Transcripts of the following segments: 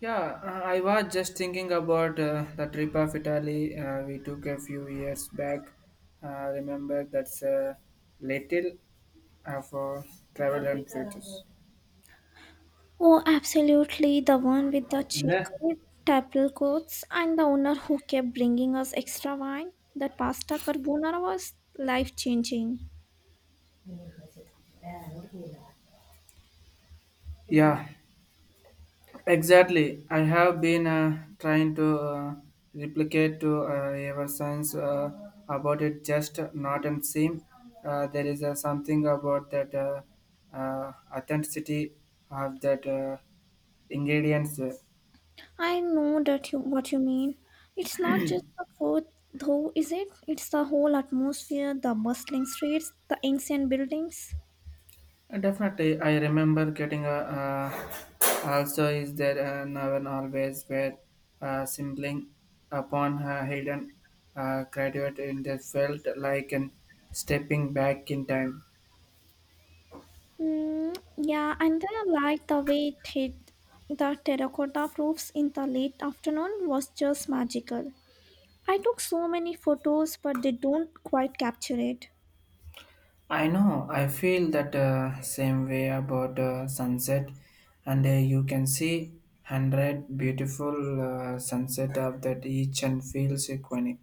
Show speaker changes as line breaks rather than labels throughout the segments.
Yeah, I was just thinking about the trip of Italy we took a few years back. Remember that's a little of for travel and futures.
Oh, absolutely. The one with the
Yeah.
checkered tablecloths and the owner who kept bringing us extra wine. That pasta carbonara was life changing.
Yeah, exactly. I have been trying to replicate to ever since about it just not and seem there is something about that uh, authenticity of that ingredients.
I know that you, what you mean. It's not just the food, though, is it? It's the whole atmosphere, the bustling streets, the ancient buildings.
Definitely, I remember getting a. Also, is there now and always where sibling upon her hidden graduate in the felt like an stepping back in time.
Yeah, and I like the way it hit the terracotta roofs in the late afternoon was just magical. I took so many photos, but they don't quite capture it.
I know. I feel that same way about sunset, and you can see hundred beautiful sunset of that each and feels iconic.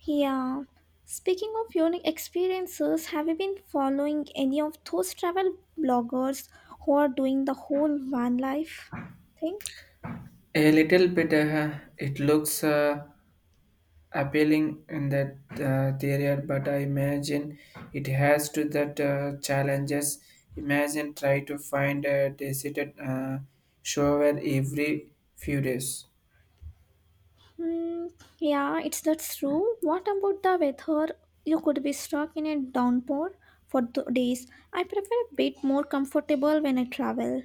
Yeah. Speaking of unique experiences, have you been following any of those travel bloggers who are doing the whole van life thing?
A little bit, it looks. Appealing in that theory, but I imagine it has to that challenges. Imagine try to find a decided shower every few days.
Hmm. Yeah, it's that's true. What about the weather? You could be stuck in a downpour for days. I prefer a bit more comfortable when I travel.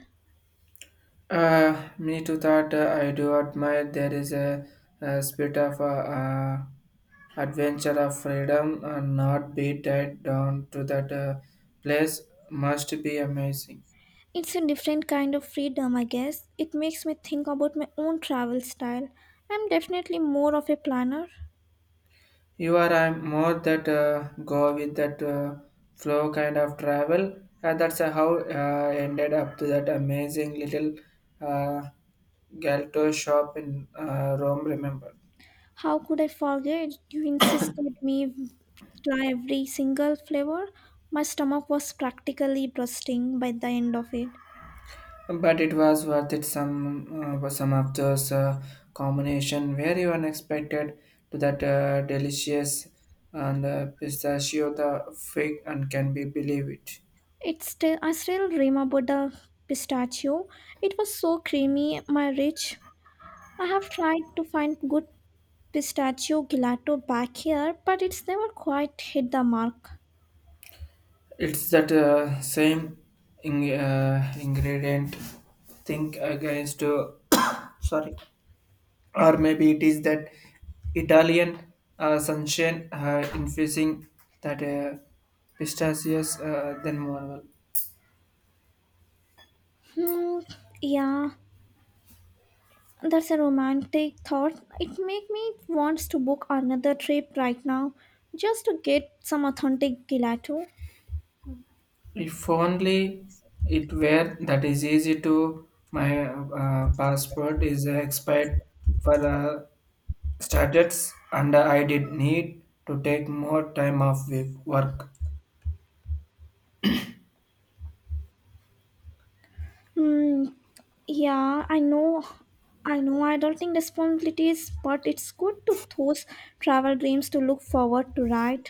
Me too thought I do admire there is a spirit of adventure of freedom and not be tied down to that place must be amazing.
It's a different kind of freedom, I guess. It makes me think about my own travel style. I'm definitely more of a planner.
You are I'm more that go with that flow kind of travel. That's how ended up to that amazing little uh, Galto shop in Rome. Remember,
How could I forget? You insisted me try every single flavor. My stomach was practically bursting by the end of it.
but it was worth it. Some of those combination very unexpected to that delicious and pistachio the fig and can be believe it.
It's still I still dream about the pistachio. It was so creamy, my rich. I have tried to find good pistachio gelato back here, but it's never quite hit the mark.
It's that same in, ingredient. Think against. Sorry, or maybe it is that Italian sunshine infusing that pistachios than marvel.
Hmm, yeah. That's a romantic thought. It makes me want to book another trip right now just to get some authentic gelato.
If only it were that is easy to my passport is expired for starters and I did need to take more time off work.
Hmm. Yeah, I know. I know adulting responsibilities, but it's good to those travel dreams to look forward to, right?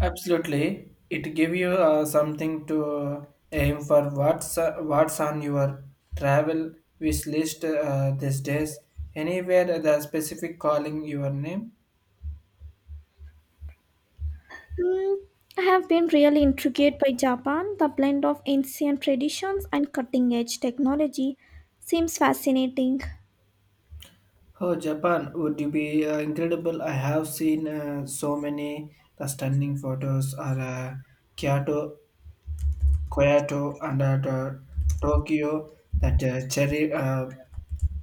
Absolutely, it give you something to aim for. What's on your travel wish list these days? Anywhere the specific calling your name?
Hmm. I have been really intrigued by Japan. The blend of ancient traditions and cutting edge technology seems fascinating.
Oh, Japan would you be incredible? I have seen so many the stunning photos are Kyoto, Kyoto, and the Tokyo. That cherry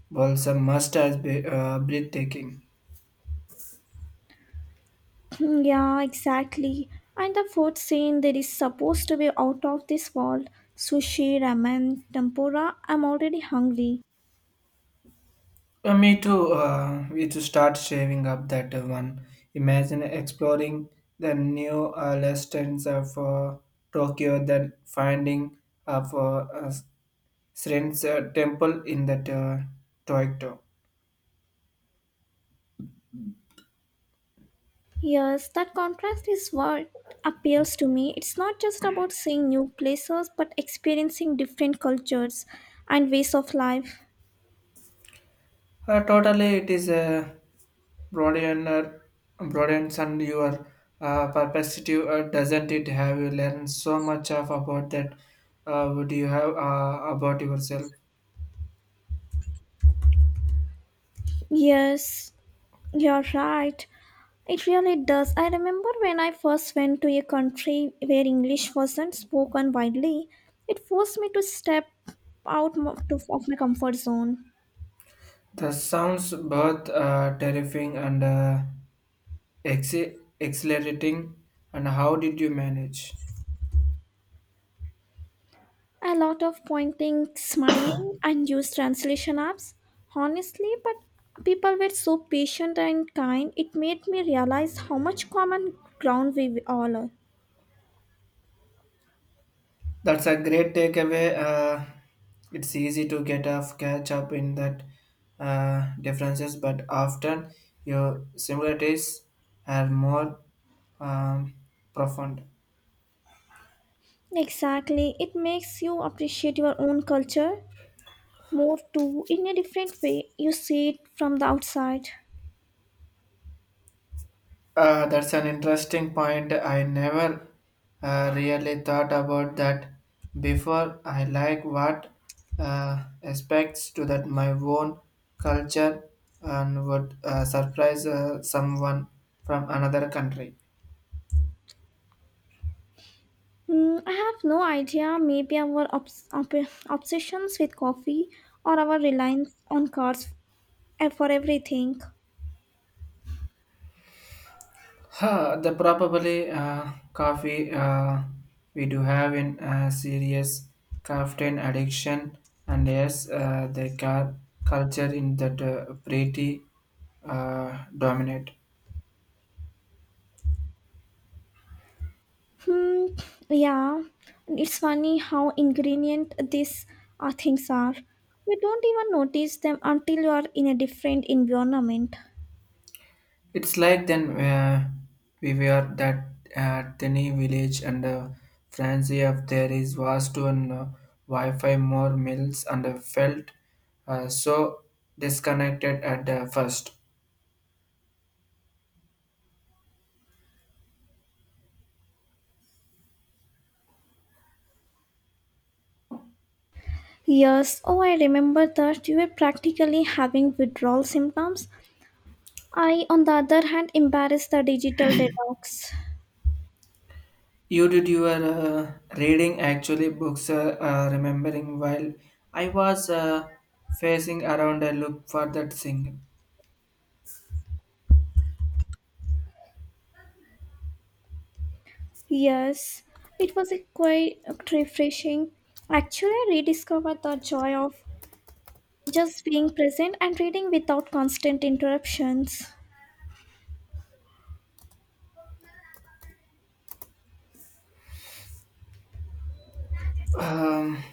blossom must has be breathtaking.
Yeah, exactly. And the food scene there is supposed to be out of this world. Sushi, ramen, tempura. I'm already hungry.
Me too. We to start shaving up that one. Imagine exploring the new lessons of Tokyo, then finding of Srin's temple in that Tokyo.
Yes, that contrast is what appeals to me. It's not just about seeing new places, but experiencing different cultures and ways of life.
Totally, it is a broadener, broadens and your perspective, doesn't it? Have you learned so much of about that? Would you have about yourself?
Yes, you're right. It really does. I remember when I first went to a country where English wasn't spoken widely, it forced me to step out of my comfort zone.
That sounds both terrifying and ex- exhilarating. And how did you manage?
A lot of pointing, smiling, and use translation apps. Honestly, but people were so patient and kind, it made me realize how much common ground we all are.
That's a great takeaway. It's easy to get off catch up in that differences, but often your similarities are more um, profound.
Exactly. It makes you appreciate your own culture more too in a different way. You see it from the outside.
That's an interesting point. I never really thought about that before. I like what aspects to that my own culture and would surprise someone from another country.
Hmm, I have no idea. Maybe our obsessions with coffee or our reliance on cars for everything.
Huh, the probably coffee we do have in serious caffeine addiction, and yes, the car culture in that pretty dominate.
Hmm, yeah, it's funny how ingredient these things are. You don't even notice them until you are in a different environment.
It's like then we were that tiny village and fancy of there is vast and Wi-Fi more meals and felt so disconnected at the first.
Yes, oh, I remember that you were practically having withdrawal symptoms. I, on the other hand, embarrassed the digital detox.
You did your reading actually books remembering while I was facing around a look for that thing.
Yes, it was a quite refreshing. Actually, I rediscovered the joy of just being present and reading without constant interruptions.
Um,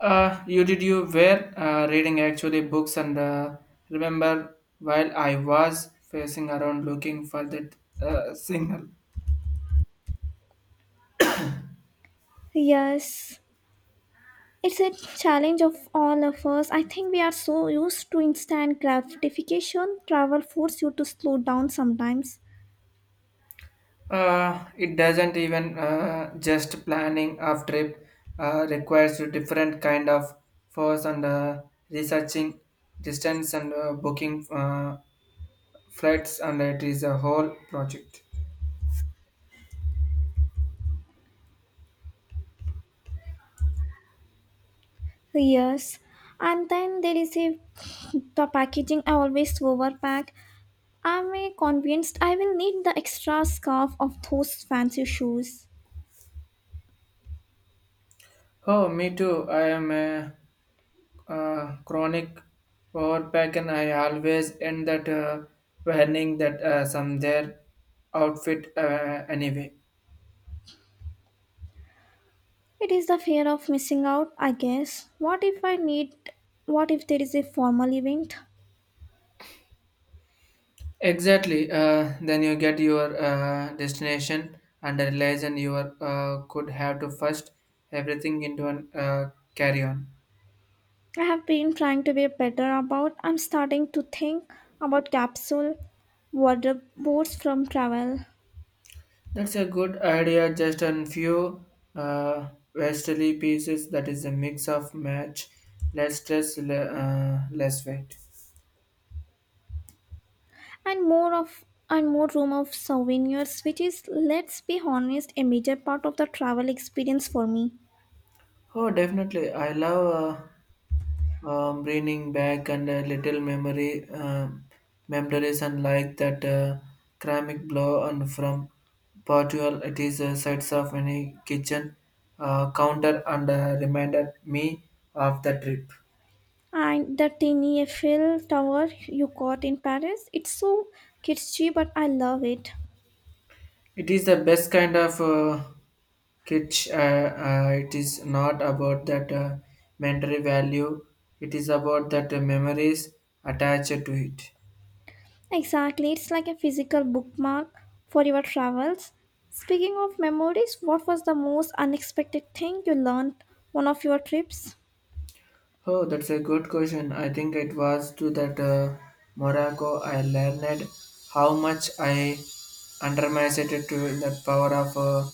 You did you were reading actually books and remember while I was facing around looking for that signal.
Yes, it's a challenge of all of us. I think we are so used to instant gratification, travel force you to slow down sometimes.
It doesn't even just planning of trip requires a different kind of force and researching distance and booking flights and it is a whole project.
Yes, and then there is a the packaging. I always overpack. I'm convinced I will need the extra scarf of those fancy shoes.
Oh, me too. I am a chronic power pack and I always end that warning that some their outfit anyway.
It is the fear of missing out, I guess. What if I need what if there is a formal event?
Exactly. Then you get your destination and realize and you are, could have to first everything into an carry on.
I have been trying to be better about I'm starting to think about capsule wardrobe boards from travel
That's a good idea. Just a few westerly pieces that is a mix of match, less stress, less weight.
and more of and more room of souvenirs, which is, let's be honest, a major part of the travel experience for me.
Oh, definitely. I love. Bringing back and a little memory memories and like that ceramic blow and from Portugal it is sides of any kitchen counter and reminded me of the trip.
And the tiny Eiffel tower you got in Paris, it's so kitschy, but I love it.
It is the best kind of kitsch. It is not about that mental value. It is about that memories attached to it.
Exactly, it's like a physical bookmark for your travels. Speaking of memories, what was the most unexpected thing you learned one of your trips?
Oh, that's a good question. I think it was to that Morocco I learned how much I underestimated to the power of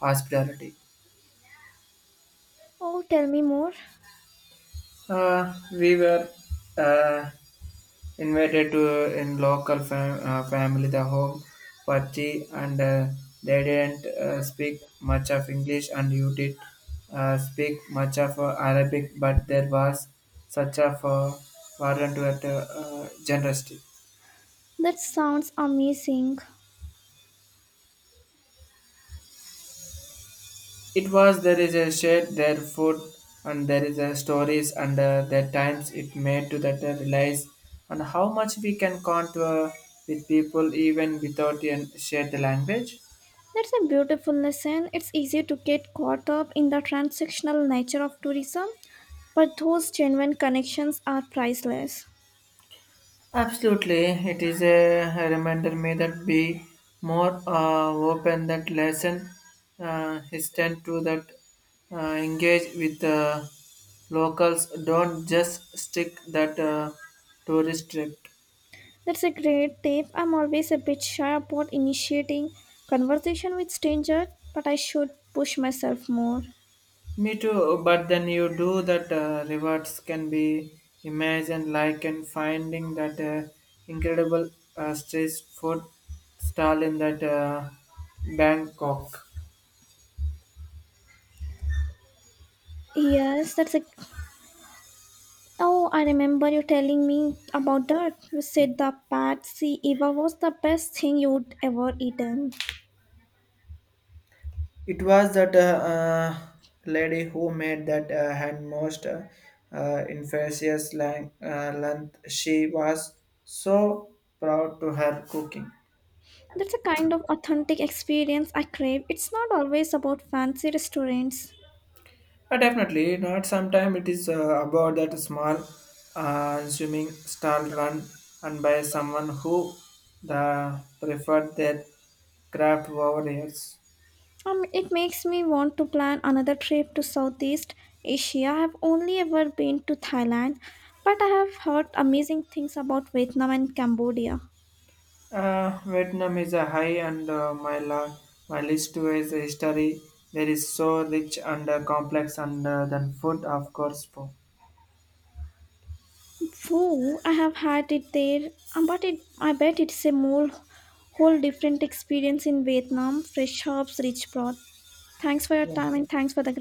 hospitality.
Oh, tell me more.
We were uh, invited to in local family the home for tea and they didn't speak much of English and you did speak much of Arabic but there was such a warrant to that generosity.
That sounds amazing.
It was there is a shade their food and there is a stories and their times it made to that realize and how much we can count with people even without share the language.
That's a beautiful lesson. It's easy to get caught up in the transactional nature of tourism, but those genuine connections are priceless.
Absolutely, it is a reminder me that be more open that lesson extend to that engage with the locals. Don't just stick that tourist trip.
That's a great tip. I'm always a bit shy about initiating conversation with strangers, but I should push myself more.
Me too, but then you do that rewards can be imagined like and finding that incredible street food stall in that Bangkok.
Yes, that's a. Oh, I remember you telling me about that. You said the Patsy Eva was the best thing you'd ever eaten.
It was that lady who made that hand most infectious length. She was so proud to her cooking.
That's a kind of authentic experience I crave. It's not always about fancy restaurants.
Definitely not. Sometimes it is about that small, swimming stall run and by someone who the preferred their craft over years.
It makes me want to plan another trip to Southeast Asia. I've only ever been to Thailand, but I have heard amazing things about Vietnam and Cambodia.
Vietnam is a high and my list is the history. There is so rich and complex and than food, of course. For.
Pho, I have had it there, but I bet it's a more whole different experience in Vietnam. Fresh herbs, rich broth. Thanks for your
Yeah.
time and thanks for the great.